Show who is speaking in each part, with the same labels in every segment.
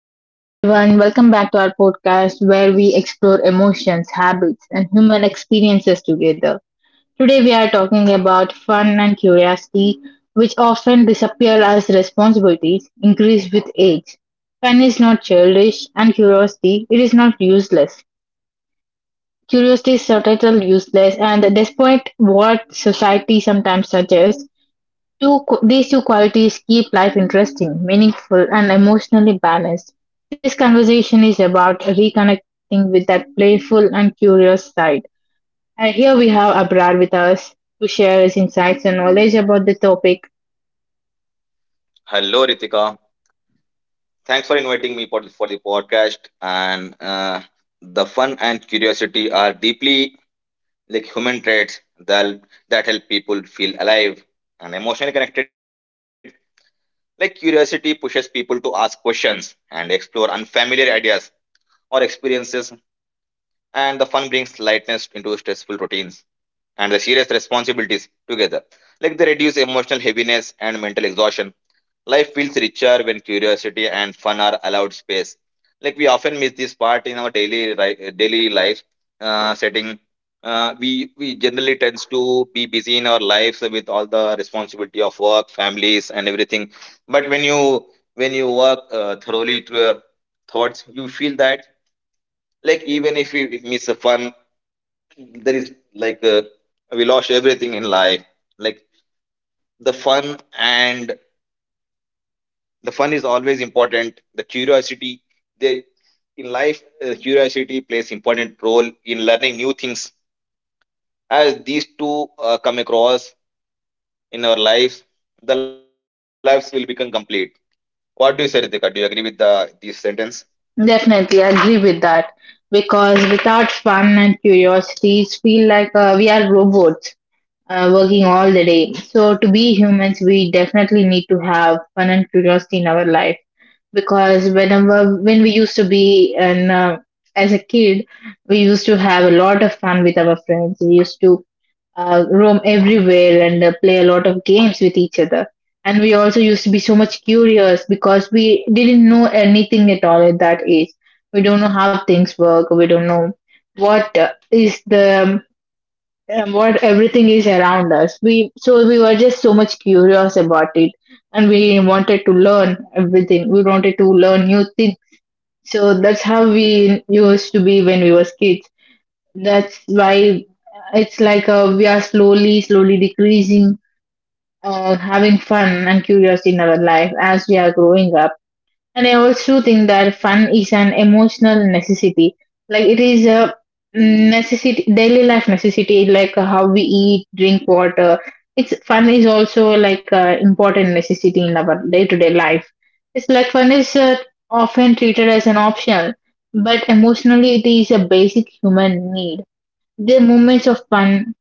Speaker 1: Hello, everyone. Welcome back to our podcast where we explore emotions, habits, and human experiences together. Today, we are talking about fun and curiosity, which often disappear as responsibilities increase with age. Fun is not childish, and curiosity it is not useless. Curiosity is total useless, and despite what society sometimes suggests, these two qualities keep life interesting, meaningful, and emotionally balanced. This conversation is about reconnecting with that playful and curious side. And here we have Abrar with us to share his insights and knowledge about the topic.
Speaker 2: Hello, Ritika. Thanks for inviting me for the podcast. And The fun and curiosity are deeply like human traits that that help people feel alive and emotionally connected. Like curiosity pushes people to ask questions and explore unfamiliar ideas or experiences, and the fun brings lightness into stressful routines and the serious responsibilities together. Like they reduce emotional heaviness and mental exhaustion. Life feels richer when curiosity and fun are space. Like we often miss this part in our daily life setting. We generally tends to be busy in our lives with all the responsibility of work, families, and everything. But when you work thoroughly through your thoughts, you feel that like even if we miss the fun, there is we lost everything in life. Like the fun and the fun is always important, the curiosity, they in life, curiosity plays important role in learning new things as these two come across in our lives, the lives will become complete. What do you say, Ritika? Do you agree with the this sentence?
Speaker 1: Definitely I agree with that, because without fun and curiosity, it's feel like we are robots, working all the day. So, to be humans, we definitely need to have fun and curiosity in our life, because whenever when we used to be and as a kid, we used to have a lot of fun with our friends. We used to roam everywhere and play a lot of games with each other. And we also used to be so much curious because we didn't know anything at all at that age. We don't know how things work. We don't know what is the what everything is around us. We so we were just so much curious about it, and we wanted to learn everything. We wanted to learn new things. So that's how we used to be when we were kids. That's why it's like we are slowly, slowly decreasing, having fun and curiosity in our life as we are growing up. And I also think that fun is an emotional necessity. Like it is a necessity, daily life necessity, like how we eat, drink water. It's fun is also like a important necessity in our day-to-day life. It's like fun is often treated as an option, but emotionally it is a basic human need. The moments of fun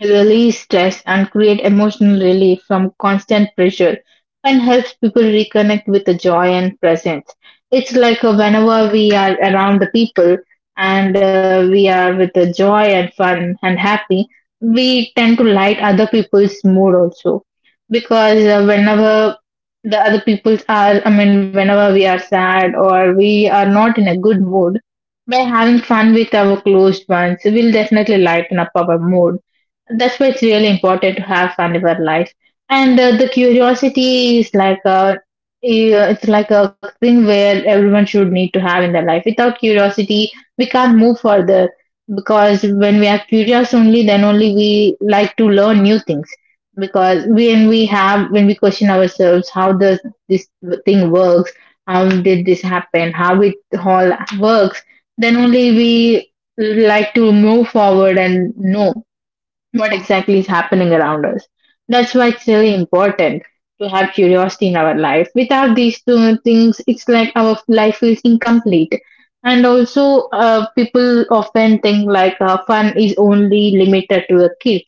Speaker 1: release stress and create emotional relief from constant pressure and helps people reconnect with the joy and presence. It's like whenever we are around the people and we are with the joy and fun and happy, we tend to light other people's mood also. Because whenever the other people are, I mean, whenever we are sad or we are not in a good mood, by having fun with our close ones, we'll definitely lighten up our mood. That's why it's really important to have fun in our life. And the curiosity is like a it's like a thing where everyone should need to have in their life. Without curiosity we can't move further, because when we are curious only then only we like to learn new things. Because when we have when we question ourselves, how does this thing works, how did this happen, how it all works, then only we like to move forward and know what exactly is happening around us. That's why it's really important to have curiosity in our life. Without these two things, it's like our life feels incomplete. And also, people often think like fun is only limited to the kids.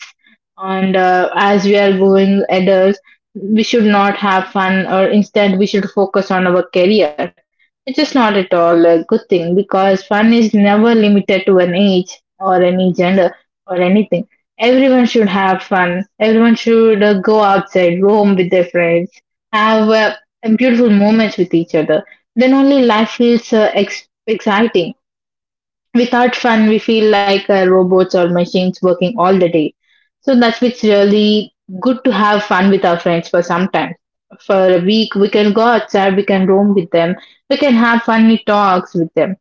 Speaker 1: And as we are going adults, we should not have fun, or instead, we should focus on our career. Which is not at all a good thing, because fun is never limited to an age or any gender or anything. Everyone should have fun. Everyone should go outside, go home with their friends, have beautiful moments with each other. Then only life feels exciting. Without fun, we feel like robots or machines working all the day. So that's what's really good, to have fun with our friends for some time. For a week, we can go outside, we can roam with them, we can have funny talks with them.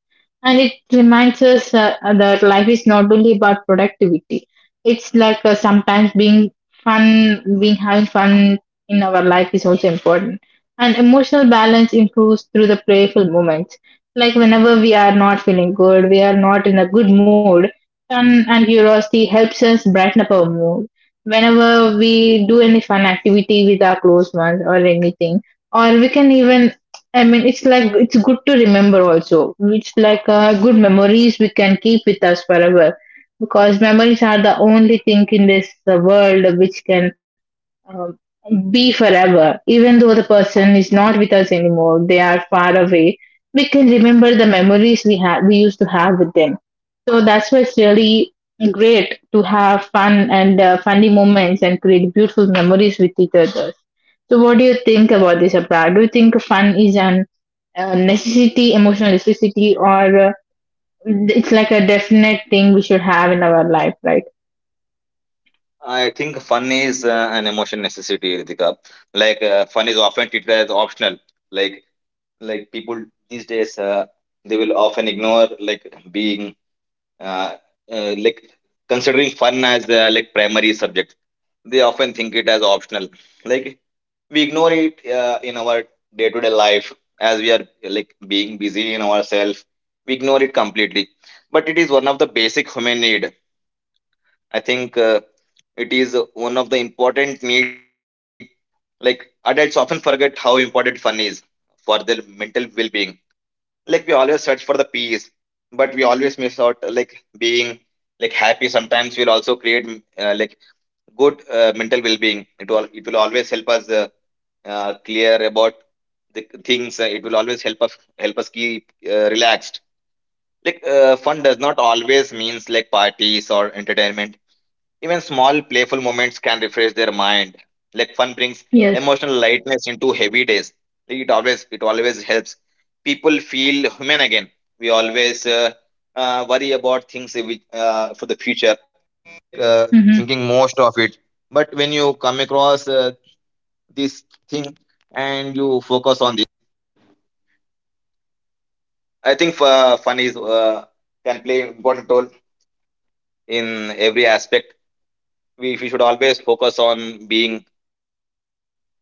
Speaker 1: And it reminds us that life is not only about productivity. It's like sometimes being fun, being having fun in our life is also important. And emotional balance improves through the playful moments, like whenever we are not feeling good, we are not in a good mood, fun and curiosity helps us brighten up our mood. Whenever we do any fun activity with our close ones or anything, or we can even, I mean, it's like it's good to remember also. It's like good memories we can keep with us forever, because memories are the only thing in this world which can um, be forever. Even though the person is not with us anymore, they are far away, we can remember the memories we had we used to have with them. So that's why it's really great to have fun and funny moments and create beautiful memories with each other. So what do you think about this, Abra? Do you think fun is an necessity, emotional necessity, or it's like a definite thing we should have in our life, right?
Speaker 2: I think fun is an emotion necessity, Ritika. Fun is often treated as optional. Like like people these days, they will often ignore, like, being uh, like considering fun as like primary subject. They often think it as optional. Like we ignore it in our day-to-day life. As we are like being busy in ourselves, we ignore it completely, but it is one of the basic human need. I think it is one of the important need. Like adults often forget how important fun is for their mental well-being. Like we always search for the peace, but we always miss out, like, being, like, happy. Sometimes we'll also create like good mental well-being. It will always help us clear about the things. It will always help us keep relaxed. Fun does not always means like parties or entertainment. Even small playful moments can refresh their mind. Like fun brings
Speaker 1: Yes.
Speaker 2: emotional lightness into heavy days. Like, it always helps people feel human again. We always worry about things, which for the future.
Speaker 1: Mm-hmm.
Speaker 2: I think fun is, can play important role in every aspect. We should always focus on being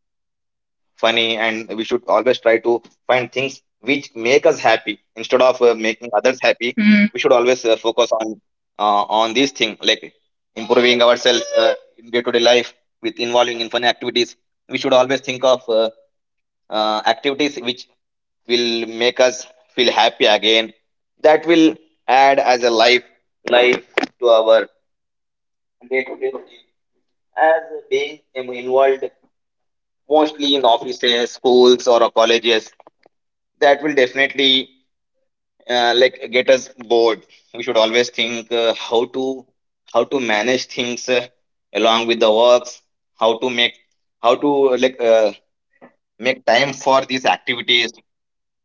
Speaker 2: funny, and we should always try to find things which make us happy instead of making others happy. We should
Speaker 1: Mm-hmm.
Speaker 2: always focus on these things, like improving ourselves in day to day life with involving in fun activities. We should always think of activities which will make us feel happy again. That will add as a life, to our day-to-day routine. As being involved mostly in offices, schools, or colleges, that will definitely like get us bored. We should always think how to manage things along with the works, how to how to like uh, make time for these activities.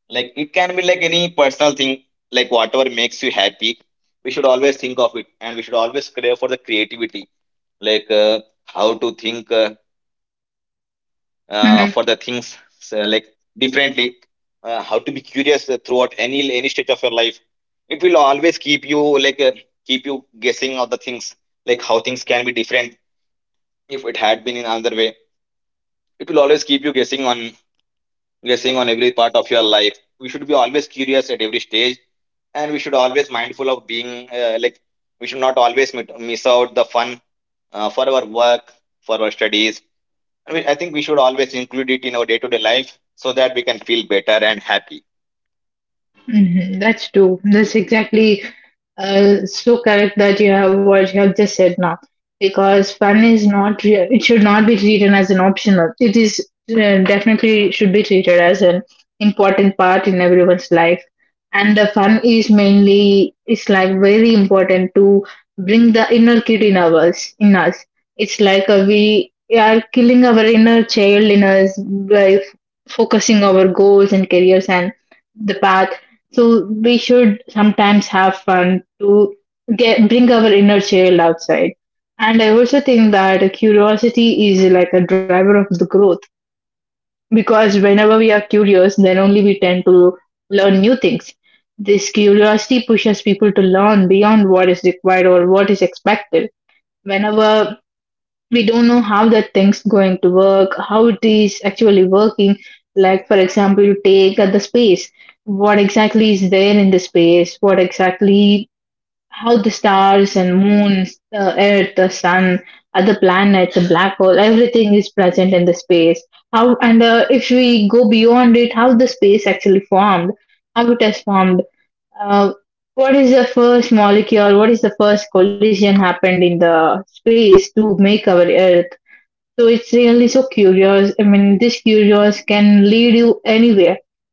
Speaker 2: Like it can be like any personal thing, like whatever makes you happy. We should always think of it, and we should always crave for the creativity, like uh, how to think for the things so, like, differently, how to be curious throughout any stage of your life. It will always keep you keep you guessing of the things, like how things can be different if it had been in another way. It will always keep you guessing on every part of your life. We should be always curious at every stage, and we should always mindful of being, like we should not always miss out the fun for our work, for our studies. I mean, I think we should always include it in our day-to-day life so that we can feel better and happy.
Speaker 1: That's true. That's exactly so correct that you have what you have just said now, because fun is not re- it should not be treated as an optional. It is definitely should be treated as an important part in everyone's life, and the fun is mainly it's like very important to bring the inner kid in ours in us. It's like we are killing our inner child in us by focusing our goals and careers and the path. So we should sometimes have fun to get bring our inner child outside. And I also think that curiosity is like a driver of the growth, because whenever we are curious, then only we tend to learn new things. This curiosity pushes people to learn beyond what is required or what is expected. Whenever we don't know how that thing's going to work, how it is actually working, like for example, you take the space. What exactly is there in the space? What exactly how the stars and moons, the earth, the sun, other planets, the black hole, everything is present in the space. How and if we go beyond it, how the space actually formed, how it has formed, uh, what is the first molecule, what is the first collision happened in the space to make our earth, so it's really so curious. I mean, this curious can lead you anywhere.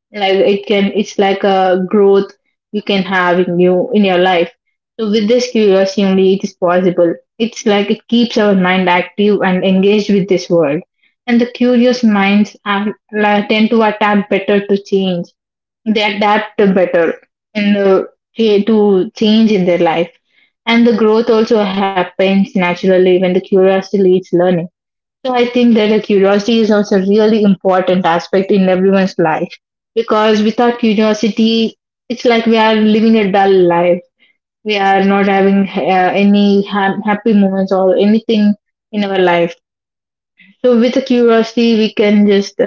Speaker 1: Like it can, it's like a growth you can have in you in your life. So with this curiosity only, it is possible. It's like it keeps our mind active and engaged with this world. And the curious minds are, like, tend to adapt better to change. They adapt better in the, to change in their life. And the growth also happens naturally when the curiosity leads learning. So I think that a curiosity is also a really important aspect in everyone's life, because without curiosity, it's like we are living a dull life. We are not having any ha- happy moments or anything in our life. So with the curiosity, we can just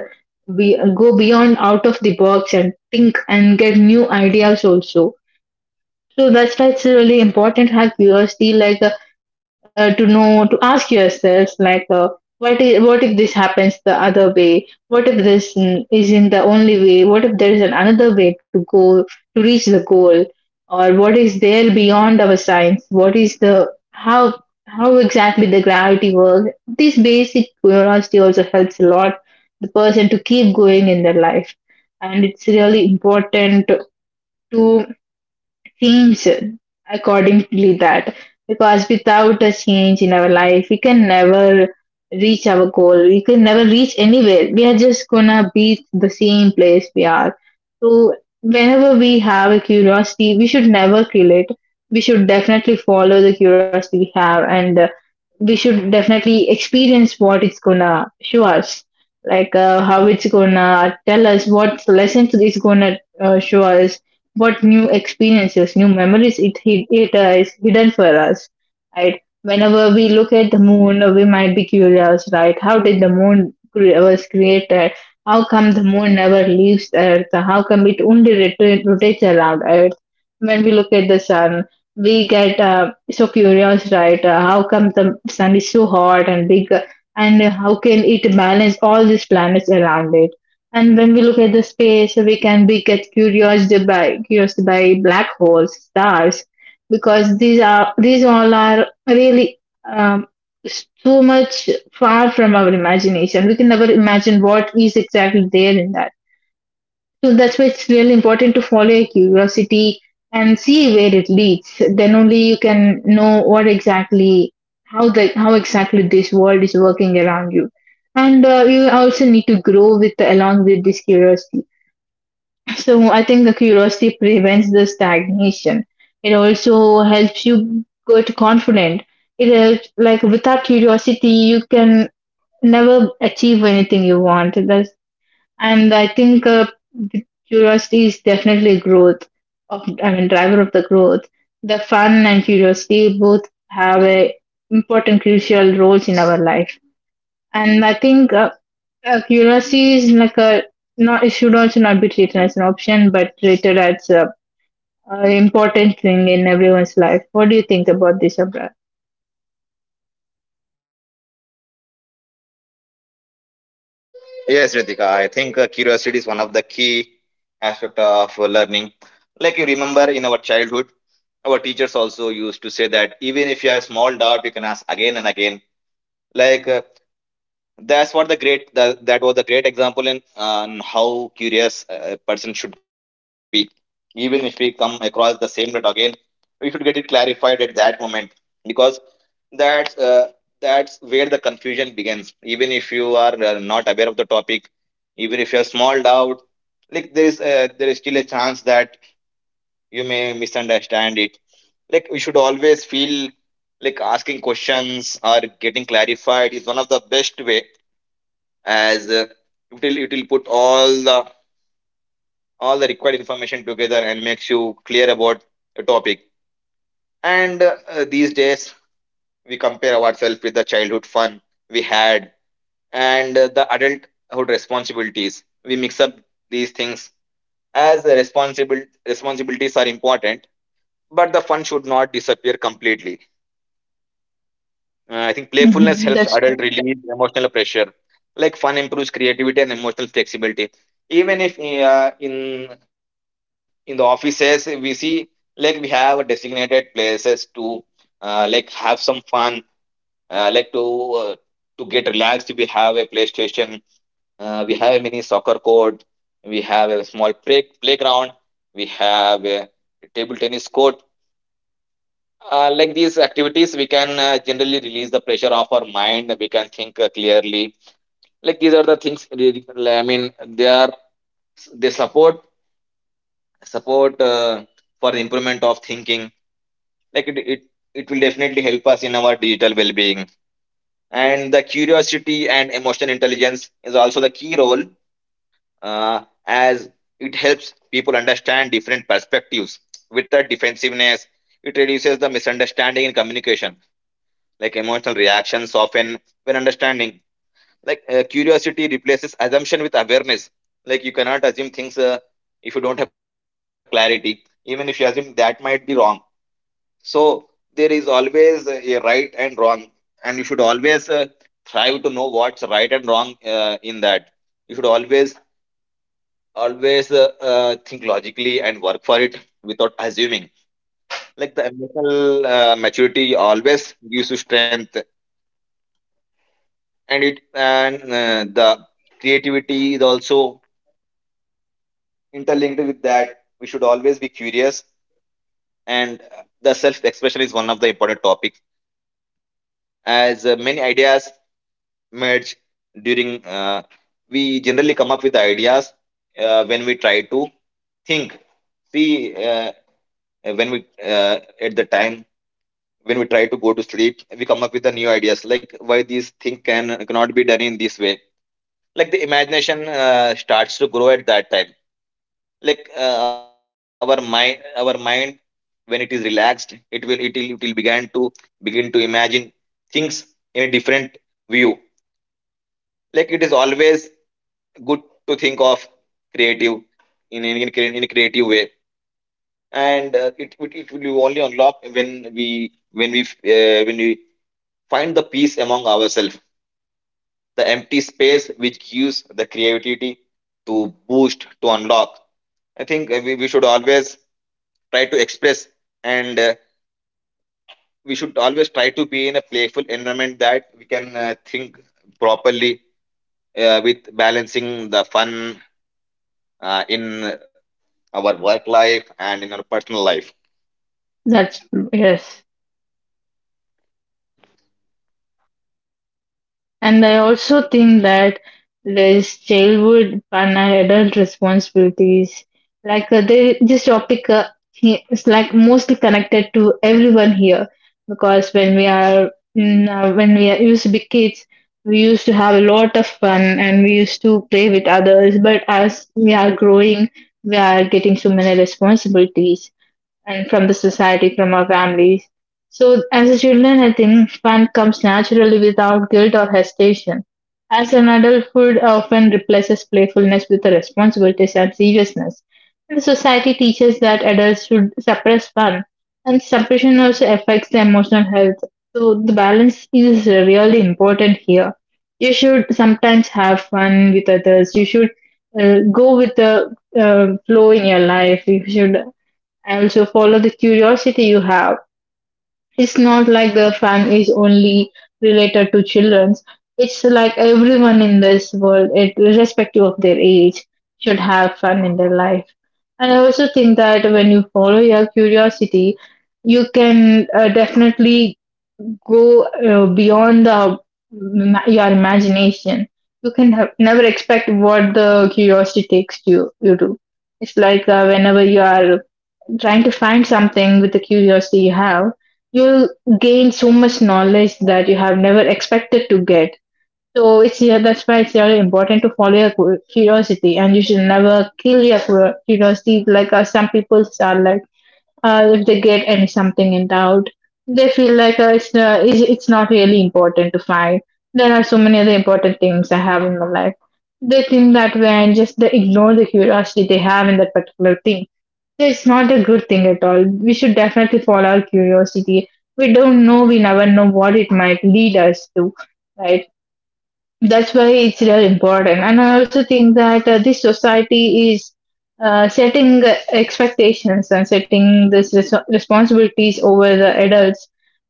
Speaker 1: be go beyond out of the box and think and get new ideas also. So that's why it's really important to have curiosity, like to know, to ask yourselves, like, what if this happens the other way? What if this isn't the only way? What if there is an another way to go to reach the goal? Or what is there beyond our science? What is the how how exactly the gravity works? This basic curiosity also helps a lot the person to keep going in their life, and it's really important to change accordingly that, because without a change in our life we can never reach our goal, we can never reach anywhere, we are just gonna be the same place we are. So whenever we have a curiosity we should never kill it. We should definitely follow the curiosity we have, and we should definitely experience what it's gonna show us, like how it's gonna tell us what lessons it's gonna show us, what new experiences, new memories it is hidden for us, right? Whenever we look at the moon, we might be curious, right? How did the was created? How come the moon never leaves Earth? How come it only rotates around Earth? When we look at the sun, we get so curious, right? How come the sun is so hot and big, and how can it balance all these planets around it? And when we look at the space, we can be get curiosity by curiosity by black holes, stars, because these all are really um, so much far from our imagination. We can never imagine what is exactly there in that. So that's why it's really important to follow your curiosity and see where it leads. Then only you can know what exactly how exactly this world is working around you. And You also need to grow with along with this curiosity. So I think the curiosity prevents the stagnation. It also helps you get confident. It helps like without curiosity you can never achieve anything you want. That's and I think the curiosity is definitely growth of, I mean, driver of the growth. The fun and curiosity both have a important, crucial roles in our life. And I think curiosity is like a not. It should also not be treated as an option, but treated as a important thing in everyone's life. What do you think about this, Abra?
Speaker 2: Yes, Ritika, I think curiosity is one of the key aspect of learning. Like, you remember in our childhood, our teachers also used to say that even if you have small doubt, you can ask again and again. Like uh, that's what the great that, that was a great example in on how curious a person should be. Even if we come across the same dot again, we should get it clarified at that moment, because that's uh, that's where the confusion begins. Even if you are not aware of the topic, even if you have small doubt, like there is still a chance that you may misunderstand it. Like we should always feel like asking questions or getting clarified is one of the best way, as it will put all the required information together and makes you clear about a topic. And these days we compare ourselves with the childhood fun we had, and the adulthood responsibilities we mix up these things. As the responsible responsibilities are important, but the fun should not disappear completely. I think playfulness
Speaker 1: Hmm.
Speaker 2: helps
Speaker 1: That's true.
Speaker 2: adult release emotional pressure. Like fun improves creativity and emotional flexibility. Even if in the offices we see, like we have designated places to, like, have some fun, like uh, to get relaxed. We have a PlayStation. We have a mini soccer court. We have a small playground. We have a table tennis court. Like these activities, we can generally release the pressure of our mind, we can think clearly. Like these are the things really, I mean, they are, they support for the improvement of thinking. Like it it will definitely help us in our digital well-being. And the curiosity and emotional intelligence is also the key role, uh, as it helps people understand different perspectives without defensiveness. It reduces the misunderstanding in communication, like emotional reactions often when understanding. Curiosity replaces assumption with awareness. Like you cannot assume things if you don't have clarity. Even if you assume, that might be wrong. So there is always a right and wrong, and you should always strive to know what's right and wrong in that. You should always think logically and work for it without assuming. Like the emotional maturity always gives you strength. And the creativity is also interlinked with that. We should always be curious. And the self expression is one of the important topics, as many ideas merge during, we generally come up with ideas when we try to think see when we at the time when we try to go to sleep, we come up with the new ideas, like why these thing can, cannot be done in this way. Like the imagination starts to grow at that time. Like our mind when it is relaxed, it will begin to imagine things in a different view. Like it is always good to think of creative in a creative way. And it it will only unlock when we when we when we find the peace among ourselves. The empty space which gives the creativity to boost to unlock. I think, we should always try to express. And we should always try to be in a playful environment that we can think properly, with balancing the fun in our work life and in our personal life.
Speaker 1: That's true. Yes. And I also think that there's childhood and adult responsibilities. Like this topic is like mostly connected to everyone here because when we are, used to be kids, we used to have a lot of fun and we used to play with others. But as we are growing, we are getting so many responsibilities and from the society, from our families. So, as a children, I think fun comes naturally without guilt or hesitation. As an adult, food often replaces playfulness with the responsibilities and seriousness. And the society teaches that adults should suppress fun, and suppression also affects the emotional health. So, the balance is really important here. You should sometimes have fun with others. You should go with the flow in your life. You should and also follow the curiosity you have. It's not like the fan is only related to children's. It's like everyone in this world, it, irrespective of their age, should have fun in their life. And I also think that when you follow your curiosity, you can definitely go beyond the your imagination. You can have, never expect what the curiosity takes you do. It's like whenever you are trying to find something with the curiosity you have, you'll gain so much knowledge that you have never expected to get. So it's yeah, that's why it's really important to follow your curiosity, and you should never kill your curiosity. Like some people are like, if they get any something in doubt, they feel like it's not really important to find. There are so many other important things I have in my life. They think that way and just they ignore the curiosity they have in that particular thing. So it's not a good thing at all. We should definitely follow our curiosity. We never know what it might lead us to, right? That's why it's really important. And I also think that this society is setting expectations and setting this responsibilities over the adults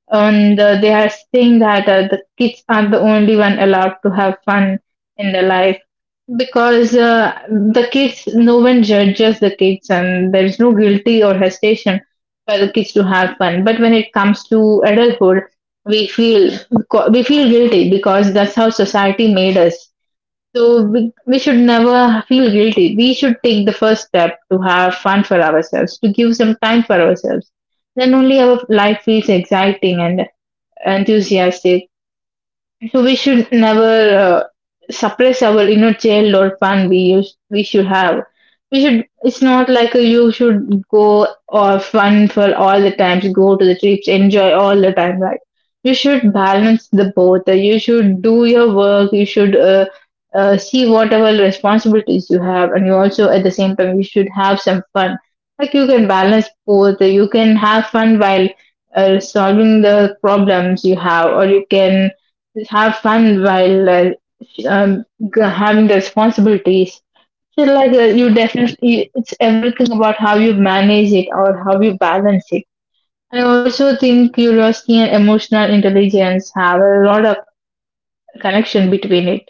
Speaker 1: and they are saying that the kids are the only one allowed to have fun in their life because the kids no one judges the kids and there's no guilty or hesitation for the kids to have fun. But when it comes to adulthood we feel we feel guilty because that's how society made us. So we should never feel guilty. We should take the first step to have fun for ourselves, to give some time for ourselves. Then only our life feels exciting and enthusiastic. So we should never suppress our inner child or fun we should have. We should. It's not like a, you should go or fun for all the times. Go to the trips, enjoy all the time, right? You should balance the both. You should do your work. You should see whatever responsibilities you have, and you also at the same time you should have some fun. Like you can balance both. You can have fun while solving the problems you have, or you can have fun while um, having the responsibilities. So like you definitely, it's everything about how you manage it or how you balance it. I also think curiosity and emotional intelligence have a lot of connection between it.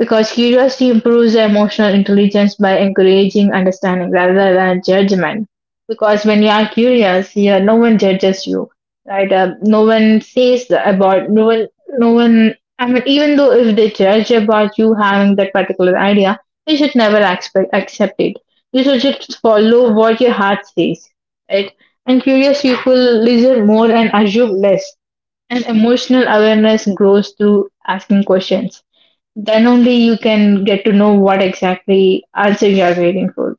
Speaker 1: Because curiosity improves their emotional intelligence by encouraging understanding rather than judgment. Because when you are curious, yeah, no one judges you, right? No one says the- about no one, no one. I mean, even though if they judge about you having that particular idea, you should never expect accept it. You should just follow what your heart says, right? And curious people listen more and assume less. And emotional awareness grows through asking questions. Then only you can get to know what exactly answer you are waiting for.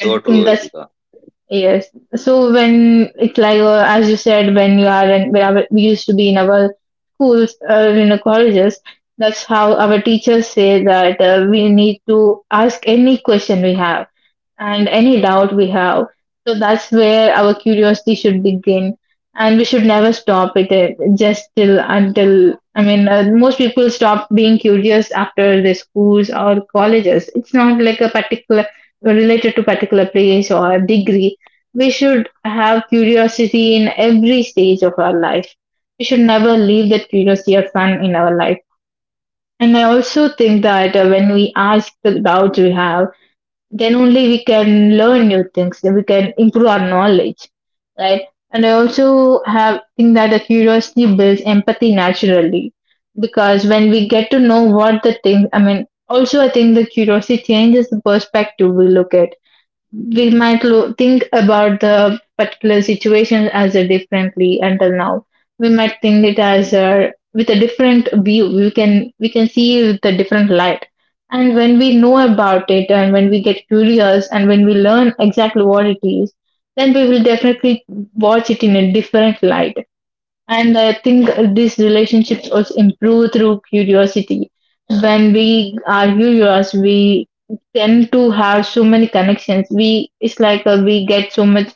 Speaker 1: And in that.
Speaker 2: So true, Ritika.
Speaker 1: Yes. So when it's like as you said, when you are in when our, we used to be in our schools or in the colleges, that's how our teachers say that we need to ask any question we have and any doubt we have. So that's where our curiosity should begin, and we should never stop it just till until I mean, most people stop being curious after the schools or colleges. It's not like a particular related to particular place or degree. We should have curiosity in every stage of our life. We should never leave that curiosity or fun in our life. And I also think that when we ask the doubts we have, then only we can learn new things, then we can improve our knowledge, right? And I also have think that the curiosity builds empathy naturally because when we get to know what the thing, I mean, also I think the curiosity changes the perspective we look at. We might think about the particular situation as a differently until now. We might think it as a with a different view. We can see with a different light, and when we know about it and when we get curious and when we learn exactly what it is, then we will definitely watch it in a different light. And I think these relationships also improve through curiosity. When we are curious, we tend to have so many connections. We it's like we get so much.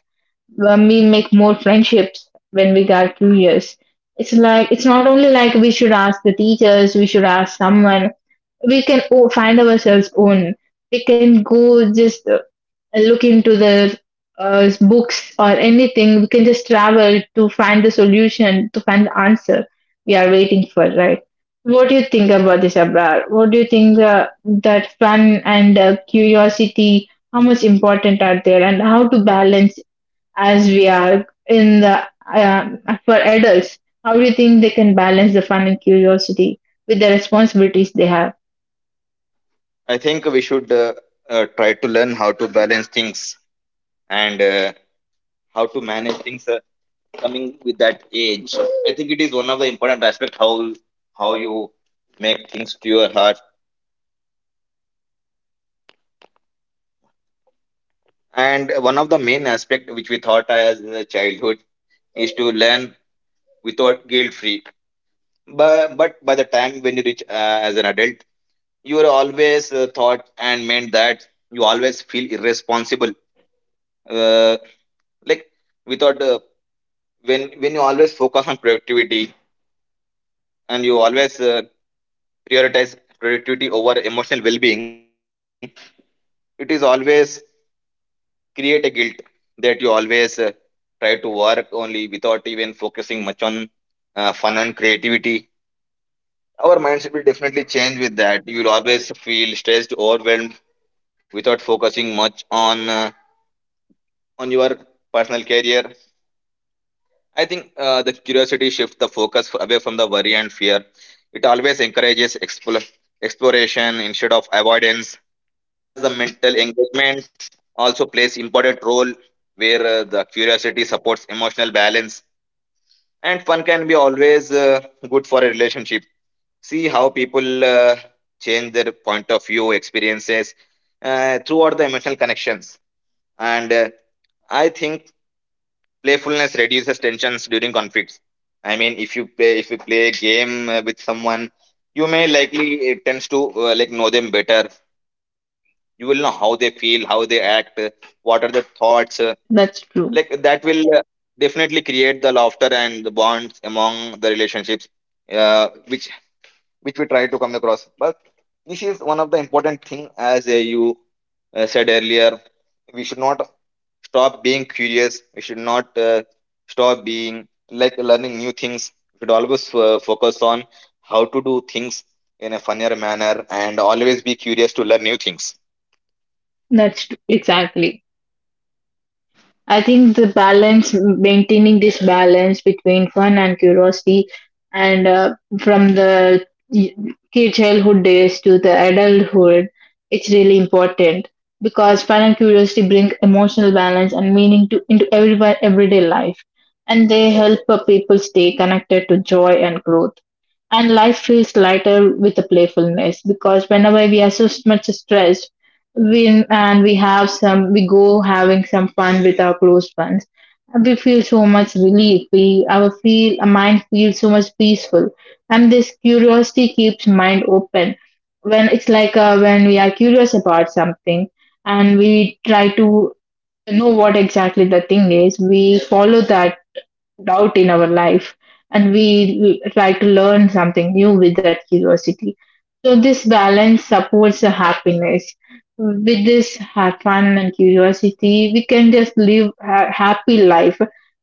Speaker 1: When we make more friendships when we are curious. It's like it's not only like we should ask the teachers. We should ask someone. We can find ourselves own. We can go just look into the books or anything. We can just travel to find the solution, to find the answer we are waiting for, right? What do you think about this, Abrar? What do you think that fun and curiosity, how much important are there and how to balance as we are in the, uh, for adults? How do you think they can balance the fun and curiosity with the responsibilities they have?
Speaker 2: I think we should, try to learn how to balance things, and how to manage things coming with that age. I think it is one of the important aspect, how you make things to your heart. And one of the main aspect which we thought as a childhood is to learn without guilt free. But by the time when you reach as an adult, you are always thought and meant that you always feel irresponsible. Uh, like without When you always focus on productivity, and you always prioritize productivity over emotional well-being, it is always create a guilt, that you always try to work only without even focusing much on fun and creativity. Our mindset will definitely change with that. You will always feel stressed, overwhelmed, without focusing much on your personal career. I think the curiosity shifts the focus away from the worry and fear. It always encourages exploration instead of avoidance. The mental engagement also plays important role, where the curiosity supports emotional balance, and fun can be always good for a relationship. See how people change their point of view experiences throughout the emotional connections. And I think playfulness reduces tensions during conflicts. I mean, if you play a game with someone, you may likely, it tends to like know them better. You will know how they feel, how they act, what are their thoughts. Like
Speaker 1: That,
Speaker 2: that will, definitely create the laughter and the bonds among the relationships, uh, which which we try to come across. But this is one of the important thing, as you said earlier. We should not stop being curious. We should not stop being like learning new things. We should always focus on how to do things in a funnier manner and always be curious to learn new things.
Speaker 1: that's true. Exactly. I think the balance, maintaining this balance between fun and curiosity, and from the kid childhood days to the adulthood, it's really important because fun and curiosity bring emotional balance and meaning to into everyone everyday life, and they help people stay connected to joy and growth. And life feels lighter with a playfulness, because whenever we are so much stressed, we and we have some we go having some fun with our close ones. We feel so much relief. We our feel our mind feels so much peaceful. And this curiosity keeps mind open. When it's like when we are curious about something and we try to know what exactly the thing is, we follow that doubt in our life, and we try to learn something new with that curiosity. So, this balance supports the happiness. With this fun and curiosity, we can just live a happy life,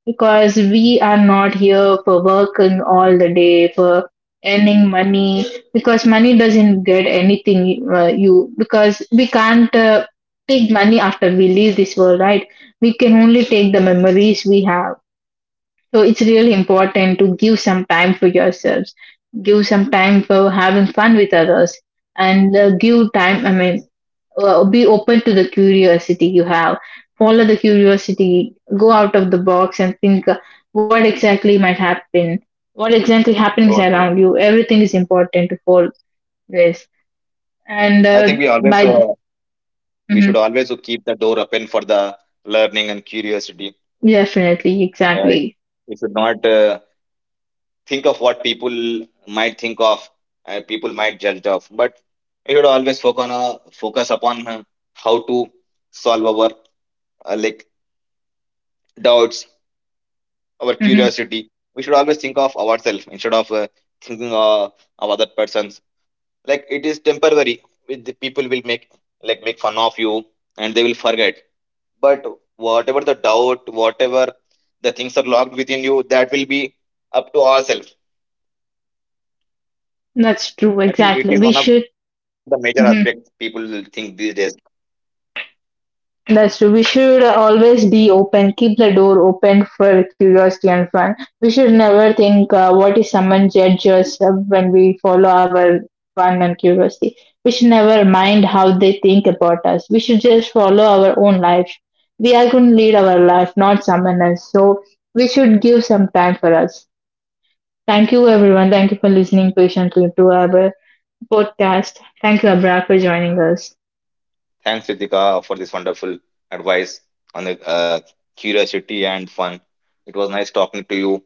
Speaker 1: because we are not here for working all the day, for earning money, because money doesn't get anything because we can't take money after we leave this world, right? We can only take the memories we have. So it's really important to give some time for yourselves, give some time for having fun with others, and give time. I mean, be open to the curiosity you have. Follow the curiosity. Go out of the box and think what exactly might happen. What exactly happenings
Speaker 2: So true.
Speaker 1: around you. Everything is important to follow this. And
Speaker 2: I think we always
Speaker 1: by
Speaker 2: we
Speaker 1: mhm,
Speaker 2: should always keep the door open for the learning and curiosity.
Speaker 1: definitely,
Speaker 2: Uh, it-
Speaker 1: exactly,
Speaker 2: we should not. Think of what people might think of, people might judge of, but you should always focus on focus upon how to solve our like doubts, our
Speaker 1: hmm
Speaker 2: curiosity. We should always think of ourselves instead of thinking of other persons. Like it is temporary. With the people will make like make fun of you, and they will forget. But whatever the doubt, whatever the things are locked within you, that will be up to ourselves.
Speaker 1: that's true.
Speaker 2: I think it
Speaker 1: Exactly,
Speaker 2: is
Speaker 1: we
Speaker 2: one of the
Speaker 1: should.
Speaker 2: major aspects
Speaker 1: Mhm.
Speaker 2: people think these days.
Speaker 1: That's true. We should always be open, keep the door open for curiosity and fun. We should never think, what if someone judge us when we follow our fun and curiosity? We should never mind how they think about us. We should just follow our own life. We are going to lead our life, not someone else. So we should give some time for us. Thank you, everyone. Thank you for listening patiently to our podcast. Thank you, Abra, for joining us.
Speaker 2: Thanks, Ritika, for this wonderful advice on the curiosity and fun. It was nice talking to you.